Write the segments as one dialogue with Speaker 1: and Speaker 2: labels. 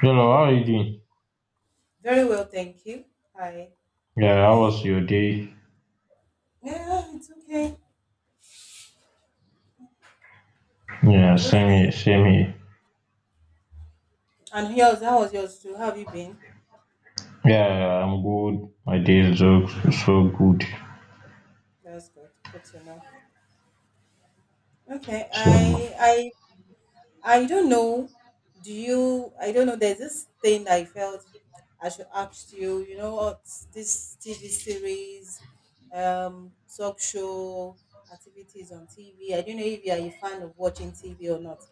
Speaker 1: Hello, how are you doing?
Speaker 2: Very well, thank you. Hi.
Speaker 1: Yeah, how was your day?
Speaker 2: Yeah, it's okay.
Speaker 1: Yeah,
Speaker 2: It's
Speaker 1: same
Speaker 2: okay.
Speaker 1: here, same here.
Speaker 2: And yours, how was yours too? How have you been?
Speaker 1: Yeah, I'm good. My day is so good.
Speaker 2: That's good. Good to know. Okay.
Speaker 1: so
Speaker 2: I don't know. Do you? I don't know. There's this thing that I felt I should ask you. You know what? This TV series, talk show activities on TV. I don't know if you are a fan of watching TV or not.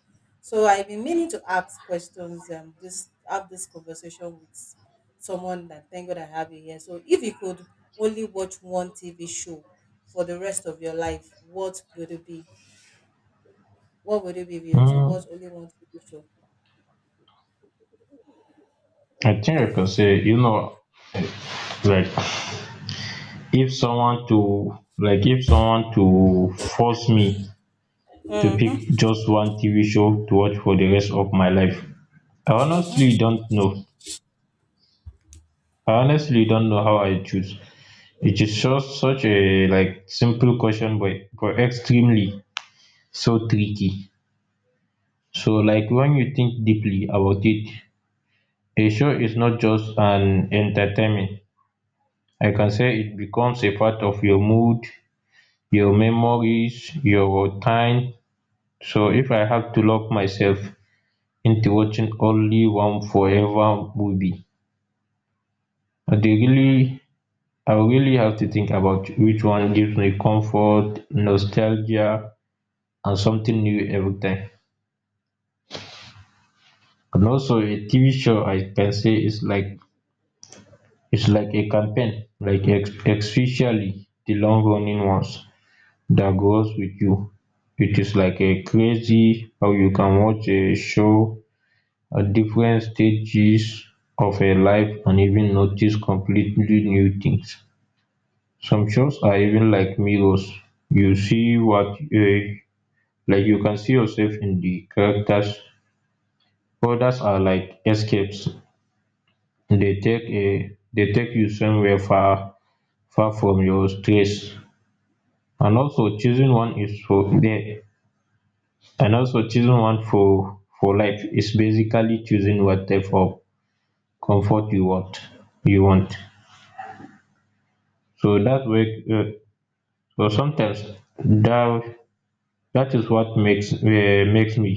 Speaker 2: So I've been meaning to ask questions. This have this conversation with someone that thank God I have you here. So if you could only watch one TV show for the rest of your life, what would it be? What would it be if you to watch
Speaker 1: um
Speaker 2: only one TV show?
Speaker 1: I think I can say, you know, like, if someone to force me to pick just one TV show to watch for the rest of my life, I honestly don't know. I honestly don't know how I choose. It is just such a like simple question, but extremely so tricky. So like, when you think deeply about it, a show is not just an entertainment. I can say it becomes a part of your mood, your memories, your time. So if I have to lock myself into watching only one forever movie, i'd really I would really have to think about which one gives me comfort, nostalgia, and something new every time. And also a TV show, I can say, is like it's like a campaign, like especially the long-running ones that grows with you. It is like a crazy how you can watch a show at different stages of a life and even notice completely new things. Some shows are even like mirrors. You see what like, you can see yourself in the characters. Others are like escapes. They take you somewhere far, far from your stress. And also choosing one is for there, and also choosing one for life is basically choosing what type of comfort you want. you want so that way. So sometimes that that is what makes makes me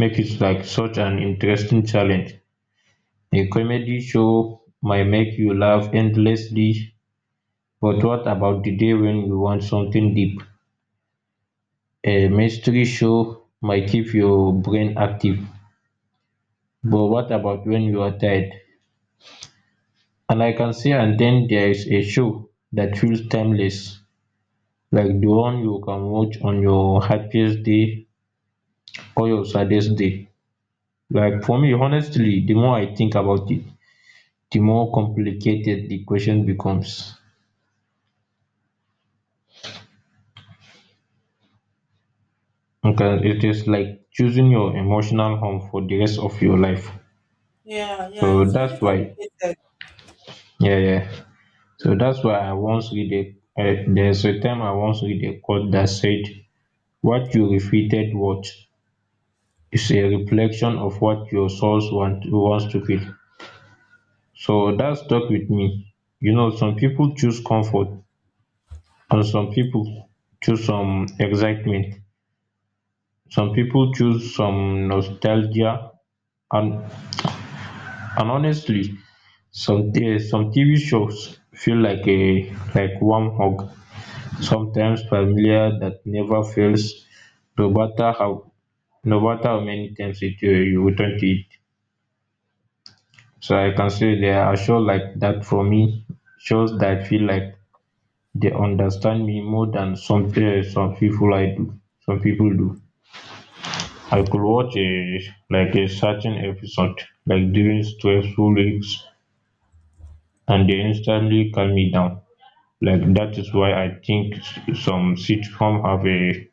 Speaker 1: make it like such an interesting challenge. A comedy show might make you laugh endlessly, but what about the day when you want something deep? A mystery show might keep your brain active, but what about when you're tired? And I can say, and then there's a show that feels timeless, like the one you can watch on your happiest day or your saddest day. Like for me, honestly, the more I think about it, the more complicated the question becomes, because it is like choosing your emotional home for the rest of your life.
Speaker 2: Yeah, yeah,
Speaker 1: So
Speaker 2: it's really
Speaker 1: that's why
Speaker 2: complicated.
Speaker 1: yeah, yeah, so that's why I once read a there's a time I once read a quote that said what you repeated, what, its a reflection of what your soul wants to feel. So that stuck with me. You know, some people choose comfort, and some people choose some excitement, some people choose some nostalgia. and and honestly, some some TV shows feel like a like warm hug, sometimes familiar that never fails. no matter how no matter how many times you return to it. So I can say they are shows like that for me. Shows dat feel like they understand me more than some people I do. Some people do. I could watch a like a certain episode, like during stressful weeks, and they instantly calm me down. Like that is why I think some sitcom have a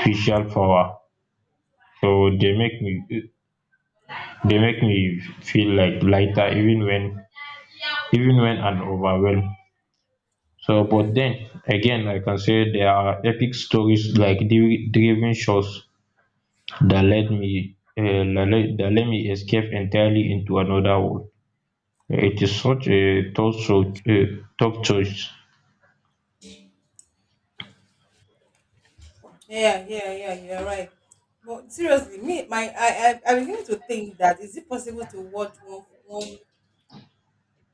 Speaker 1: special power. So they make me they make me feel like lighter even when I'm overwhelmed. So, but then again, I can say there are epic stories like driven shows that let me that let me escape entirely into another world. It is such a tough choice.
Speaker 2: Yeah, yeah, yeah, you're right. But seriously, me, my, I begin to think that is it possible to watch one, one,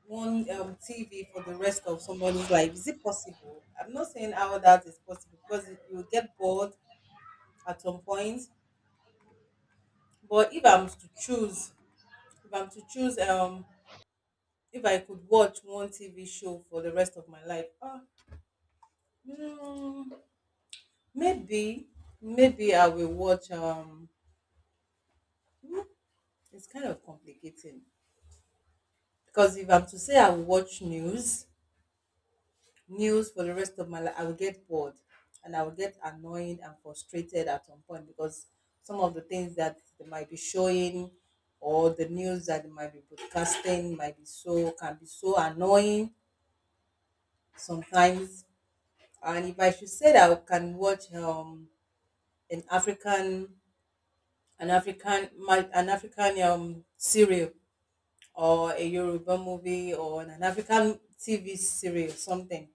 Speaker 2: one um, TV for the rest of somebody's life? Is it possible? I'm not saying how that is possible because you will get bored at some point. But if I'm to choose, if I'm to choose, if I could watch one TV show for the rest of my life, mm, maybe, maybe I will watch. It's kind of complicating because if I'm to say I will watch news for the rest of my life, I will get bored, and I will get annoyed and frustrated at some point because some of the things that they might be showing or the news that they might be broadcasting might be so can be so annoying sometimes. And if I should say that I can watch an African an African serial or a Yoruba movie or an African TV series or something.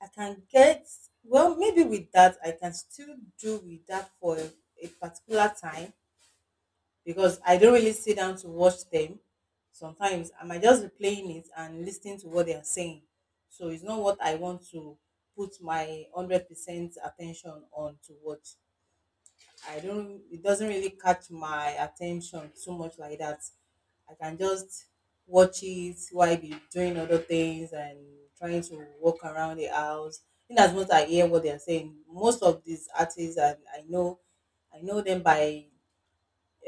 Speaker 2: I can get. Well, maybe with that I can still do with that for a particular time because I don't really sit down to watch them. Sometimes I might just be playing it and listening to what they are saying. So it's not what I want to put my 100% attention on to watch. I don't It doesn't really catch my attention too much like that. I can just watch it while I be doing other things and trying to walk around the house. In as much as I hear what they are saying, most of these artists, and I know them by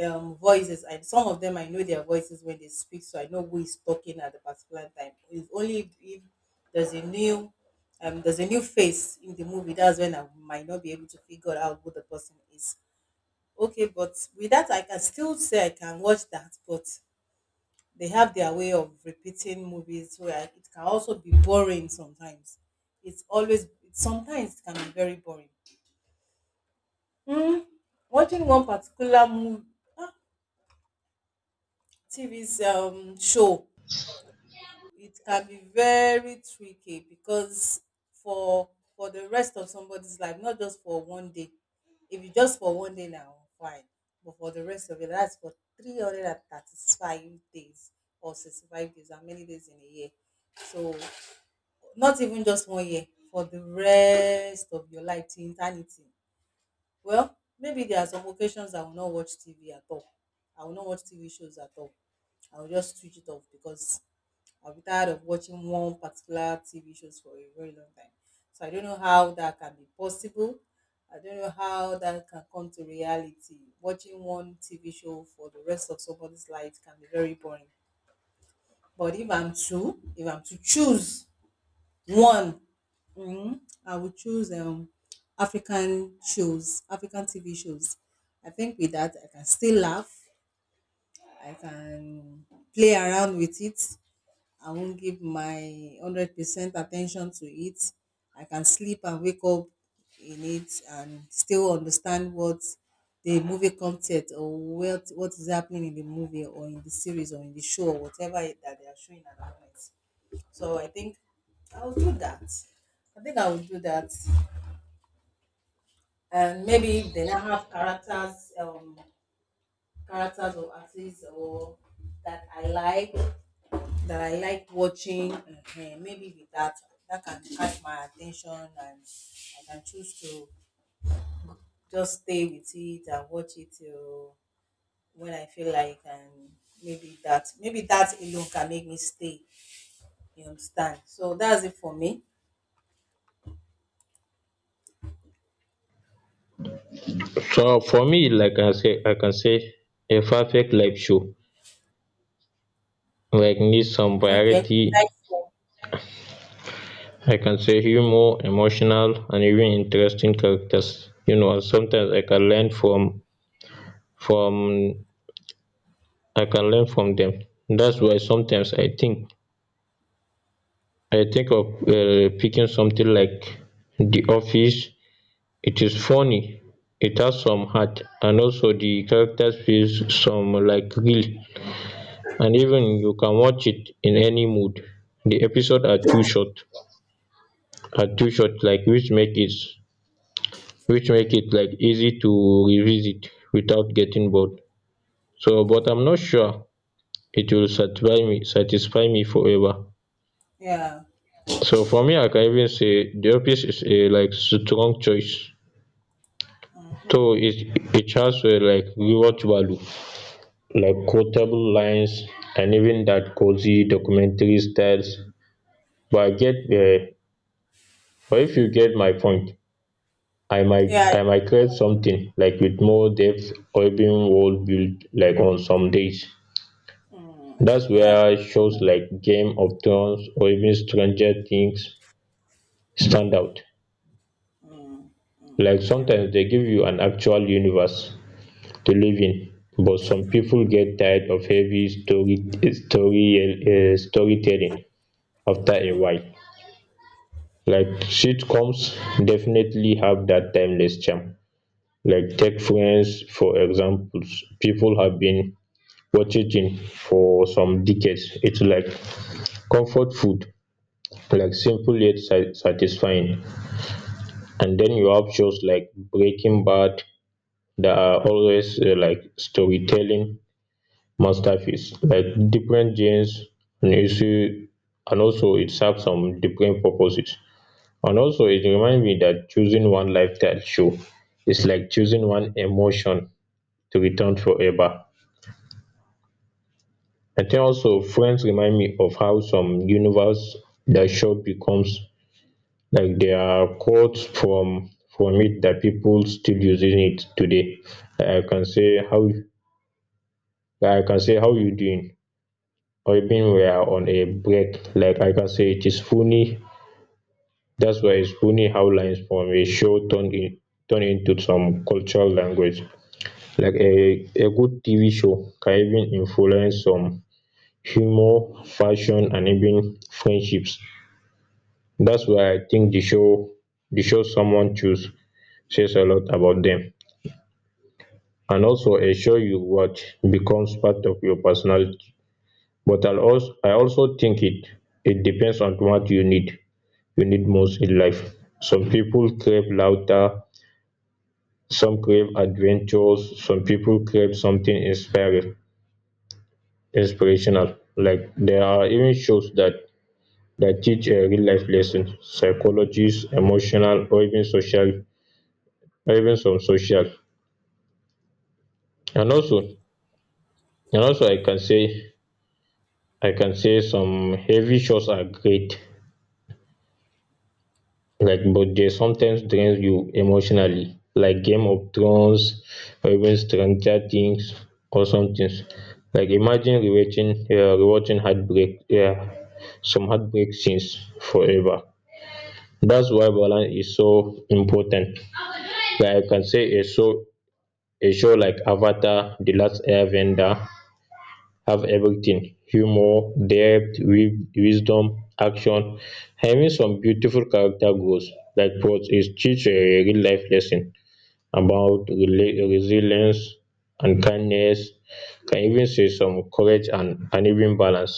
Speaker 2: voices, and some of them I know their voices when they speak, so I know who is talking at the particular time. It's only if there's a new there's a new face in the movie, that's when I might not be able to figure out who the person is. Okay, but with that, I can still say I can watch that, but they have their way of repeating movies where it can also be boring sometimes. It's always, sometimes it can be very boring. Hmm. Watching one particular movie, TV 's, show, it can be very tricky because for for the rest of somebody's life, not just for one day. If you just for one day now, fine. But for the rest of it, that's for 335 days, or 65 days? How many days in a year? So not even just one year, for the rest of your life, to eternity. Well, maybe there are some occasions I will not watch TV at all. I will not watch TV shows at all. I will just switch it off because I'll be tired of watching one particular TV shows for a very long time. So I don't know how that can be possible. I don't know how that can come to reality. Watching one TV show for the rest of somebody's life can be very boring. But if I'm to choose one, I would choose African shows, African TV shows. I think with that I can still laugh. I can play around with it. I won't give my 100% attention to it. I can sleep and wake up in it and still understand what the movie content, or what is happening in the movie or in the series or in the show or whatever it, that they are showing at the moment. So I think I'll do that. I think I will do that. And maybe if they now have characters or actors or that I like that I like watching, maybe with that, that can catch my attention, and I can choose to just stay with it and watch it till when I feel like, and maybe that alone can make me stay. You understand? So that's it for me.
Speaker 1: So for me, like I say, I can say a perfect live show like needs some
Speaker 2: Okay.
Speaker 1: variety.
Speaker 2: Nice one.
Speaker 1: I can say humor, emotional, and even interesting characters. You know, and sometimes I can learn from I can learn from them. Thats why sometimes I think of picking something like the office. It is funny. It has some heart, and also the characters feel some like real, and even you can watch it in any mood. The episode are too short, like which make it like easy to revisit without getting bored. So, but I'm not sure it will satisfy me forever.
Speaker 2: Yeah.
Speaker 1: So for me, I can even say the office is a like strong choice,
Speaker 2: Mhm.
Speaker 1: though it has a like rewatch value, like quotable lines, and even that cozy documentary styles. But I get but if you get my point,
Speaker 2: Yeah.
Speaker 1: I might create something like with more depth, or even world build, like on some days.
Speaker 2: Mm,
Speaker 1: That's
Speaker 2: yeah.
Speaker 1: where shows like Game of Thrones or even Stranger Things stand out.
Speaker 2: Mm, mm,
Speaker 1: Like
Speaker 2: yeah.
Speaker 1: sometimes they give you an actual universe to live in, but some people get tired of heavy story story storytelling after a while. Like sitcoms definitely have that timeless charm. Like take Friends for examples. People have been watching it for some decades. It's like comfort food, like simple yet satisfying. And then you have shows like Breaking Bad that are always like storytelling masterpiece, like different genres and issue, and also it serve some different purposes, and also it remind me that choosing one lifestyle show is like choosing one emotion to return forever. I think also Friends remind me of how some universe that show becomes. Like there are quotes from it that people still using it today. Like I can say how, like I can say, "How you doing?" Even, "We're on a break." Like I can say, it is funny. That's why it's funny how lines from a show turn into some cultural language. Like a good TV show can even influence some humor, fashion, and even friendships. That's why I think the show someone choose says a lot about them. And also a show you watch becomes part of your personality. But I also think it depends on what you need most in life. Some people crave laughter, some crave adventures, some people crave something inspirational. Like there are even shows that teach a real life lesson, psychologies, emotional, or even social, or even some social. And also, and also, I can say, some heavy shows are great, like, but they sometimes drain you emotionally, like Game of Thrones or even Stranger Things or something. Like imagine rewatching heartbreak, yeah, some heartbreak scenes forever. That's why balance is so important. Like I can say a show like Avatar The Last Airbender have everything: humor, depth, wisdom, action, having some beautiful character growth. Like pros, it teach a real life lesson about resilience and kindness. Can even say some courage and even balance.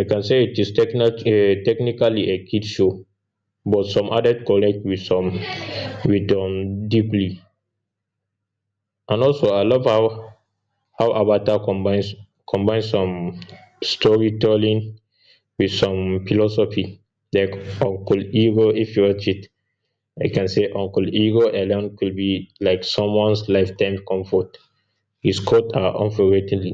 Speaker 1: I can say it is technically a kid show, but some added collect with some with deeply. And also I love how avatar combines some storytelling with some philosophy. Like Uncle Ego, if you watch it, I can say Uncle Ego alone could be like someone's lifetime comfort. His quotes are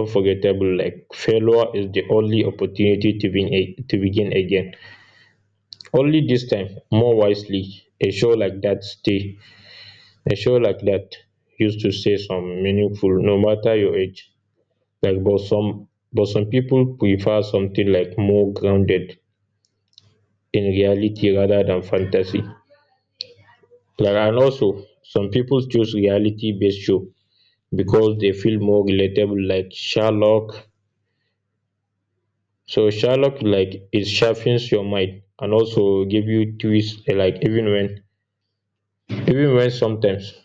Speaker 1: unforgettable, like failure is the only opportunity to begin again, only this time more wisely. A show like that used to say some meaningful no matter your age. Like, but some people prefer something like more grounded in reality rather than fantasy. And also some people choose reality based show because they feel more relatable, like Sherlock. So Sherlock, like it sharpens your mind and also give you twists, like even when sometimes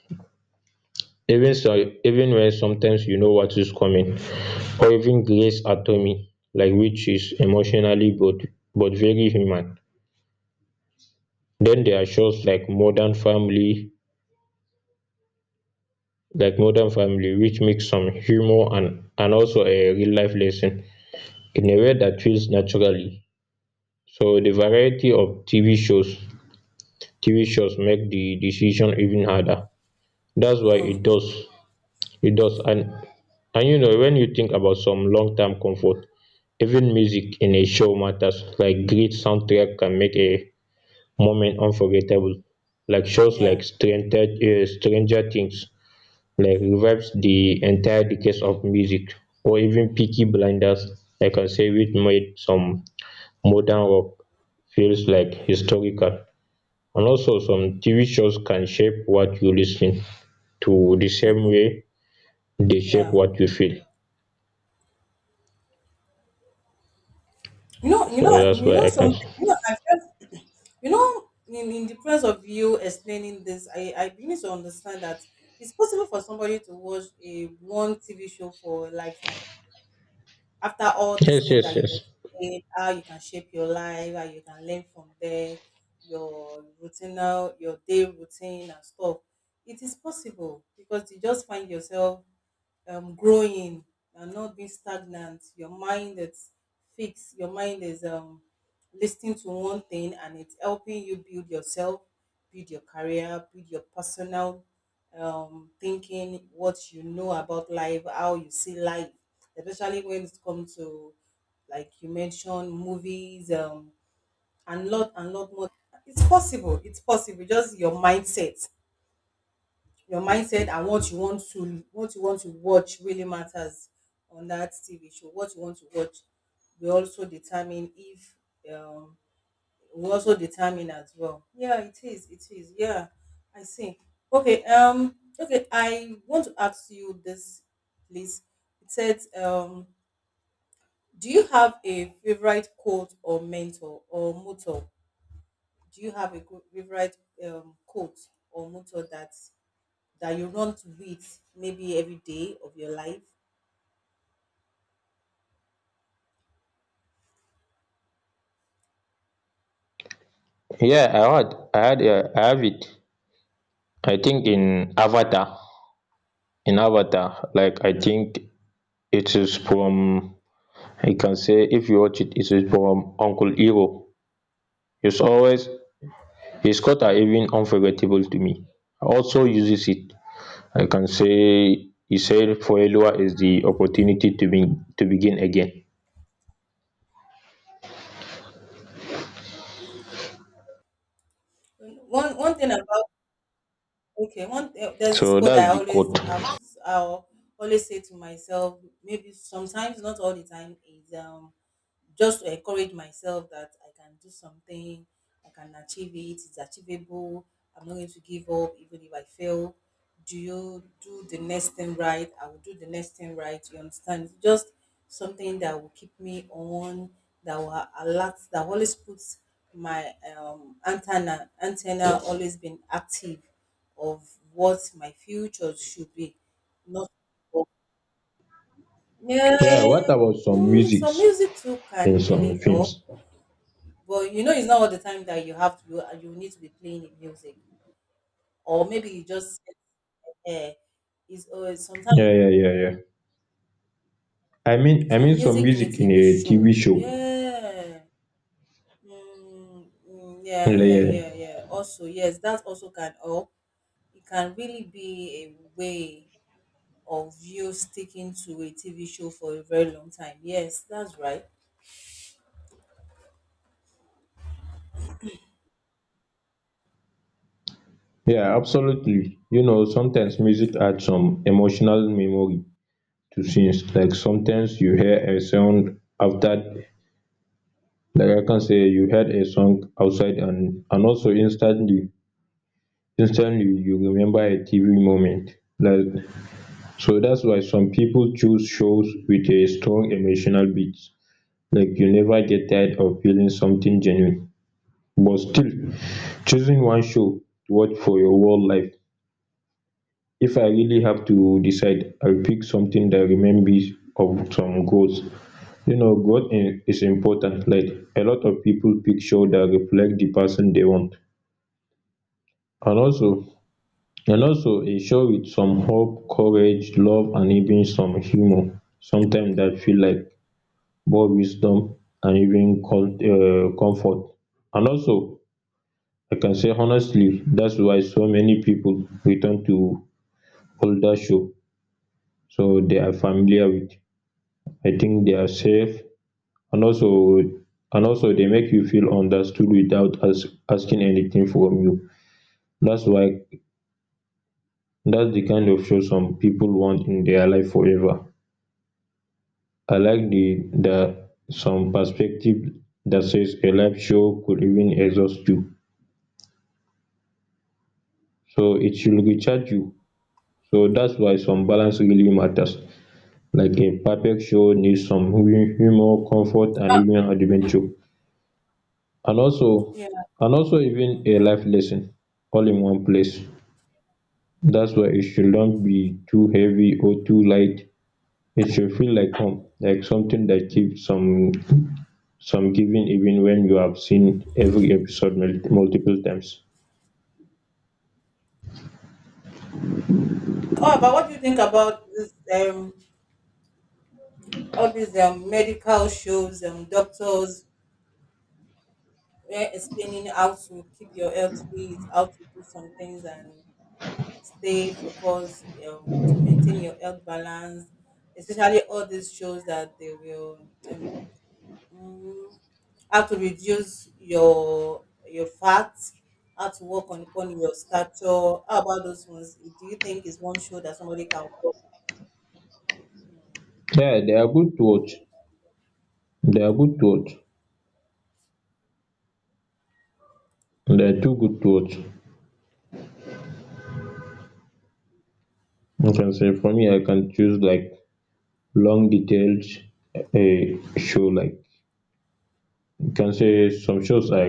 Speaker 1: even so even when sometimes you know what is coming. Or even Grey's Anatomy, like which is emotionally, but very human. Then there are shows like Modern Family, which mix some humor and also a real life lesson in a way that feels naturally. So the variety of TV shows make the decision even harder. That's why
Speaker 2: Mm,
Speaker 1: it does. it does and and you know, when you think about some long term comfort, even music in a show matters. Like great soundtrack can make a moment unforgettable. Like shows
Speaker 2: yeah.
Speaker 1: like Stranger Things like revives the entire decades of music. Or even Peaky Blinders, I can say it made some modern rock feels like historical. And also some TV shows can shape what you listen to the same
Speaker 2: Mm,
Speaker 1: way they shape
Speaker 2: yeah.
Speaker 1: what you feel.
Speaker 2: You know, you
Speaker 1: So
Speaker 2: know,
Speaker 1: that's
Speaker 2: you
Speaker 1: why
Speaker 2: know
Speaker 1: I can
Speaker 2: something. You know, I've in the presence of you explaining this, I begin to understand that it's possible for somebody to watch a one TV show for a lifetime, after all these
Speaker 1: yes,
Speaker 2: things that
Speaker 1: yes, yes.
Speaker 2: you explained, how you can shape your life, how you can learn from there, your routine, your day routine and stuff. It is possible because you just find yourself growing, and not being stagnant. Your mind is fixed. Your mind is listening to one thing, and it's helping you build yourself, build your career, build your personal thinking, what you know about life, how you see life, especially when it comes to, like you mentioned, movies, and lot more. It's possible. It's possible. Just your mindset and what you want to watch really matters on that TV show. What you want to watch will also determine if um will also determine as well. Yeah, it is. It is. Yeah, I see. Okay. Okay. I want to ask you this, please. It says, do you have a favorite quote or mentor or motto? Do you have a good favorite quote or motto that you run to it maybe every day of your life?
Speaker 1: Yeah, I have it. I think in avatar, like I think it is from, I can say if you watch it, it is from Uncle Iroh. He's always his cuts are even unforgettable to me. He also uses it, I can say he said Foleluwa is the opportunity to begin again.
Speaker 2: One thing about. Okay, there's
Speaker 1: So
Speaker 2: this quote
Speaker 1: that's
Speaker 2: that I
Speaker 1: the
Speaker 2: always
Speaker 1: quote.
Speaker 2: have to, I'll always say to myself, maybe sometimes not all the time, is just to encourage myself that I can do something, I can achieve it, it's achievable, I'm not going to give up even if I fail. Do you do the next thing right? I will do the next thing right. You understand? Just something that will keep me on, that will alert, that always puts my antenna always been active of what my future should be. Not. Yeah,
Speaker 1: Yeah, what about some
Speaker 2: so
Speaker 1: musics
Speaker 2: music too
Speaker 1: in
Speaker 2: can
Speaker 1: some
Speaker 2: really help,
Speaker 1: films?
Speaker 2: but it's not all the time that you have to. You need to be playing the music, or maybe you just uh, is sometimes
Speaker 1: Yeah, yeah, yeah, yeah. I
Speaker 2: some
Speaker 1: mean some
Speaker 2: music in a
Speaker 1: music in
Speaker 2: TV
Speaker 1: a
Speaker 2: show.
Speaker 1: TV show.
Speaker 2: Yeah, mm, mm, yeah,
Speaker 1: Yeah, yeah,
Speaker 2: yeah, yeah,
Speaker 1: yeah.
Speaker 2: yeah. Also, yes, that also can help. It can really be a way of you sticking to a TV show for a very long time. Yes, that's right.
Speaker 1: Yeah, absolutely. You know, sometimes music adds some emotional memory to scenes. Like sometimes you hear a sound after, like I can say you heard a song outside and also instantly you remember a TV moment. Like, so that's why some people choose shows with a strong emotional beat. Like, you never get tired of feeling something genuine, but still, choosing one show to watch for your whole life, if I really have to decide, I'll pick something that reminds me of some goals. You know, is important, like a lot of people pick show that reflect the person they want, and also, and also a show with some hope, courage, love, and even some humour sometimes, that feel like more wisdom, and even comfort. And also, I can say honestly that's why so many people return to older show. So they are familiar with. I think they are safe, and also, and also they make you feel understood without asking anything from you. That's why that's the kind of show some people want in their life forever. I like the that some perspective, that says a live show could even exhaust you, so it should recharge you. So that's why some balance really matters, like a perfect show needs some humor, comfort, and even adventure, and also,
Speaker 2: Yeah.
Speaker 1: and also even a
Speaker 2: Mhm.
Speaker 1: life lesson, all in one place. That's why it shouldn't be too heavy or too light, it should feel like home, like something that keeps some giving even when you have seen every episode multiple times.
Speaker 2: Oh, but what do you think about this? All these medical shows, doctors where explaining how to keep your health fit, how to do some things and stay focused, to maintain your health balance, especially all these shows that they will, mm, how to reduce your fat, how to work on upon your stature. How about those ones? Do you think is one show that somebody can watch?
Speaker 1: Yeah, they are good to watch. They are good to watch. They are too good to watch. You can say for me, I can choose like long detailed a show. Like, you can say some shows, I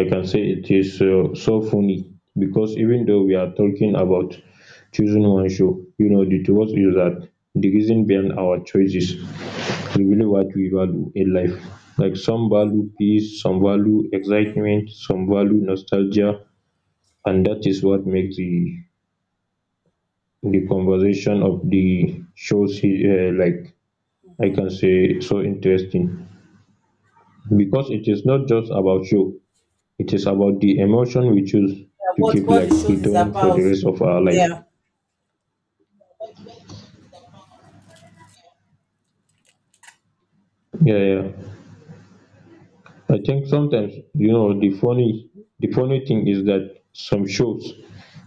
Speaker 1: I can say it is so funny, because even though we are talking about choosing one show, you know, the to is that the reason behind our choices reveal what we value in life. Like, some value peace, some value
Speaker 2: Hmm. Yeah,
Speaker 1: excitement, some value nostalgia, and that is what makes the conversation of the shows like, I can say, so interesting, because it is not just about show, it is about the emotion we choose to
Speaker 2: what
Speaker 1: keep
Speaker 2: what the
Speaker 1: like
Speaker 2: shows is
Speaker 1: returning for
Speaker 2: about?
Speaker 1: the rest of our life.
Speaker 2: Yeah,
Speaker 1: Yeah, yeah. I think sometimes, you know, the funny, the funny thing is that some shows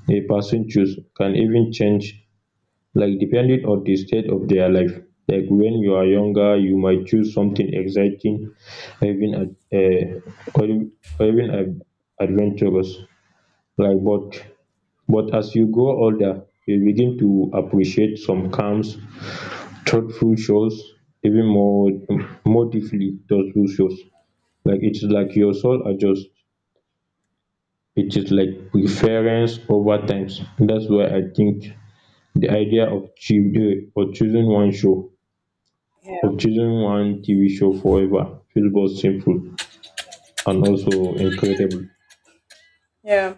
Speaker 1: a person choose can even change, like depending on the stage of their life. Like when you are younger you might choose something exciting, or even or even, or even adventurous. Like but as you grow older you begin to appreciate some calm thoughtful shows, even more, more deeply thoughtful shows. Like, it's like your soul adjusts. It is like preference over times. That's why I think the idea of of choosing one show,
Speaker 2: yeah,
Speaker 1: of choosing one TV show forever feels both simple and also incredible.
Speaker 2: yeah.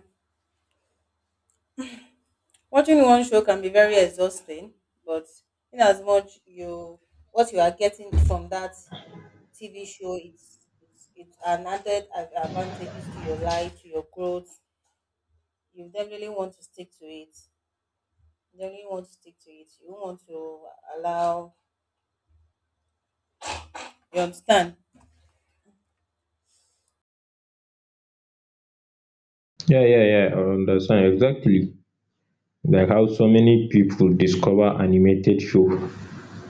Speaker 2: Watching one show can be very exhausting, but in as much you what you are getting from that TV show, it's an added advantages to your life, to your growth. You definitely want to stick to it. You definitely want to stick to it. You don't want to allow. You understand?
Speaker 1: Yeah, yeah, yeah, I understand exactly, like how so many people discover animated show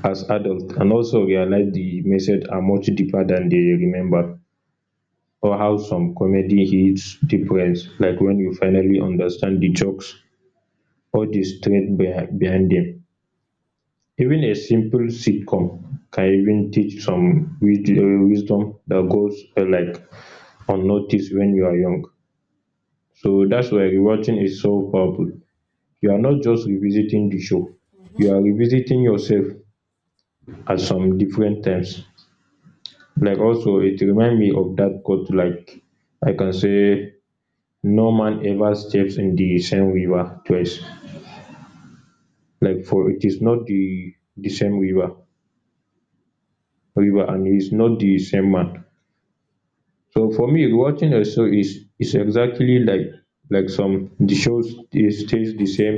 Speaker 1: as adults and also realize the message are much deeper than they remember, or how some comedy hits different, like when you finally understand the jokes or the strength behind them. Even a simple sitcom can even teach some wisdom that goes like unnoticed when you are young. So that's why rewatching is so powerful. You are not just revisiting the show,
Speaker 2: Mm-hmm.
Speaker 1: you are revisiting yourself at some different times. Like, also it remind me of that quote, like, I can say, no man ever steps in the same river twice, like for it is not the the same river river and he is not the same man. So for me rewatching a show is exactly like some the show stays the same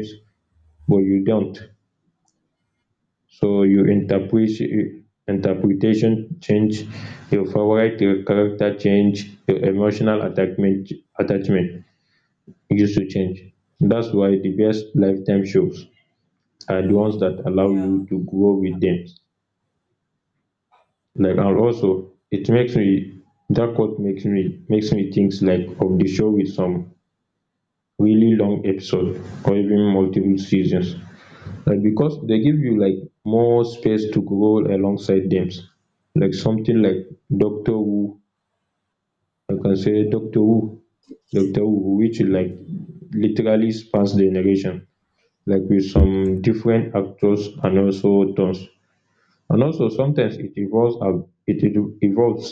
Speaker 1: but you don't. So your interpret, interpretation change, your favorite character change, your emotional attachment attachment used to change. That's why the best lifetime shows are the ones that
Speaker 2: Mm,
Speaker 1: allow
Speaker 2: yeah.
Speaker 1: you to grow with them. Like, and also, it makes me, that quote makes me, makes me think like of the show with some really long episode or even multiple seasons, and becos dey give you like more space to grow alongside them, like something like doctor who, I can say doctor who, doctor who which like literally spans generation, like with some different actors and also tones, and also sometimes it evolves evolves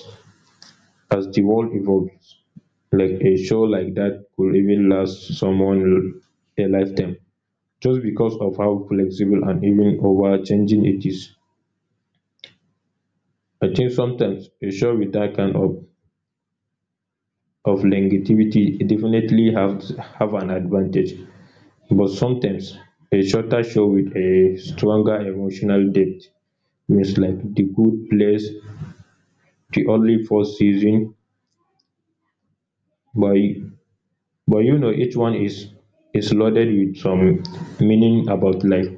Speaker 1: as the world evolves. Like a show like that could even last someone a lifetime, just because of how flexible and even over changing it is. I think sometimes a show wit dat kind of longevity definitely have an advantage, but sometimes a shorter show with a stronger emotional depth, means like the good place, the only four seasons, but but you know each one is loaded with some meaning about life,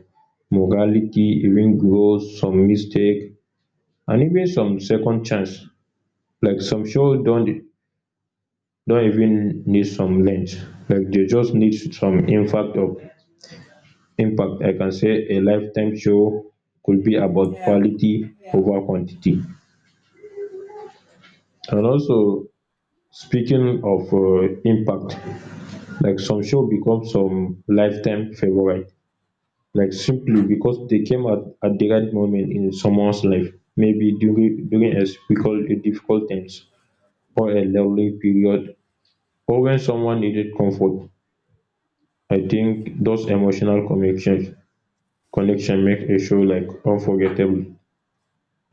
Speaker 1: morality, even growth, some mistake, and even some second chance. Like some shows don no even need some length. Like, they just need some impact of impact, I can say a lifetime show could be about
Speaker 2: Yeah.
Speaker 1: quality
Speaker 2: Yeah.
Speaker 1: over quantity. And also, speaking of impact, like some show become some lifetime favourite, like simply because they came at the right moment in someones life, maybe during a difficult times, or a lonely period, or when someone needed comfort. I think those emotional connections connection make a show like unforgettable.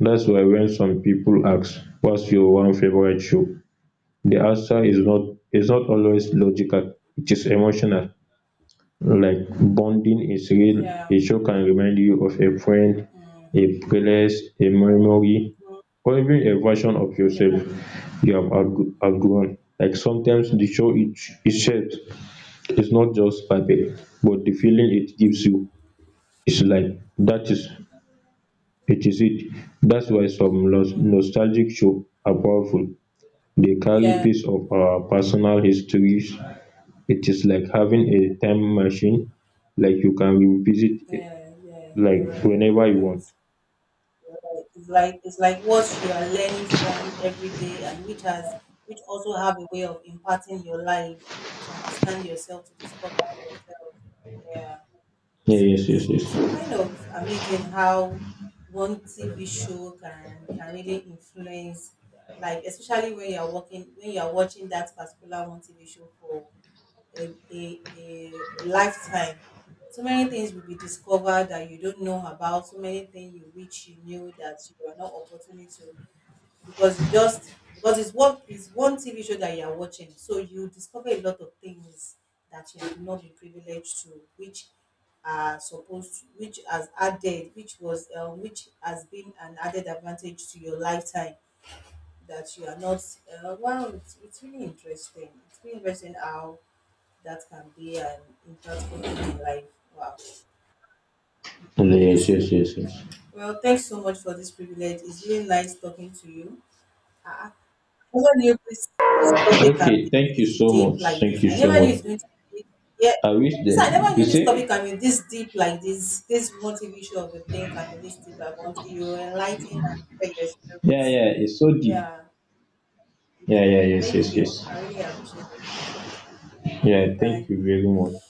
Speaker 1: That's why when some people ask what's your one favourite show, the answer is not, is not always logical, it is emotional. Like, bonding is real.
Speaker 2: Yeah.
Speaker 1: A show can remind you of a friend,
Speaker 2: Mm-hmm.
Speaker 1: a place, a memory, or even a version of
Speaker 2: Yeah.
Speaker 1: yourself you have outgrown. Like sometimes the show it itself is not just perfect, but the feeling it gives you is like that is. 86. That's why some
Speaker 2: Mm.
Speaker 1: nostalgic shows are powerful. Dey carry
Speaker 2: Yeah.
Speaker 1: piece of our personal histories. It's like having a time machine, like you can revisit it,
Speaker 2: Yeah. Yeah.
Speaker 1: like
Speaker 2: You're right. You're
Speaker 1: whenever you
Speaker 2: right.
Speaker 1: want.
Speaker 2: Right. It's like what you are learning from every day, and which also have a way of imparting your life, to understand yourself, to discover yourself. Yeah,
Speaker 1: Yeah, yes, yes,
Speaker 2: it's
Speaker 1: yes.
Speaker 2: kind of amazing how one TV show can really influence, like especially when you are watching that particular one TV show for a lifetime. So many things will be discovered that you don't know about, so many things you wish you knew that you are not opportunity to, because you just because it's what is one TV show that you are watching. So you discover a lot of things that you have not been privileged to, which are supposed to, which has been an added advantage to your lifetime that you are not. Wow, it's really interesting how that can be an impactful thing in life. Wow.
Speaker 1: Yeah,
Speaker 2: I
Speaker 1: yes, yes,
Speaker 2: see.
Speaker 1: yes, yes.
Speaker 2: Well, thanks so much for this privilege. It's really nice talking to you. I never knew this topic can
Speaker 1: Okay,
Speaker 2: be
Speaker 1: thank you
Speaker 2: this
Speaker 1: so
Speaker 2: deep
Speaker 1: much,
Speaker 2: like
Speaker 1: thank
Speaker 2: this.
Speaker 1: you
Speaker 2: I
Speaker 1: so
Speaker 2: never knew
Speaker 1: much.
Speaker 2: it's going to be. Yeah.
Speaker 1: I wish
Speaker 2: I
Speaker 1: there,
Speaker 2: said I never
Speaker 1: you
Speaker 2: knew this
Speaker 1: see,
Speaker 2: topic can be this deep like this. This motivation of the thing can be this deep. I want you enlighten and share your
Speaker 1: yeah,
Speaker 2: experience.
Speaker 1: yeah, it's so deep.
Speaker 2: Yeah, it
Speaker 1: Yeah, yeah,
Speaker 2: is.
Speaker 1: yes,
Speaker 2: Thank
Speaker 1: yes,
Speaker 2: you.
Speaker 1: yes.
Speaker 2: I really appreciate it. All
Speaker 1: Yeah,
Speaker 2: right, bye.
Speaker 1: thank you very much.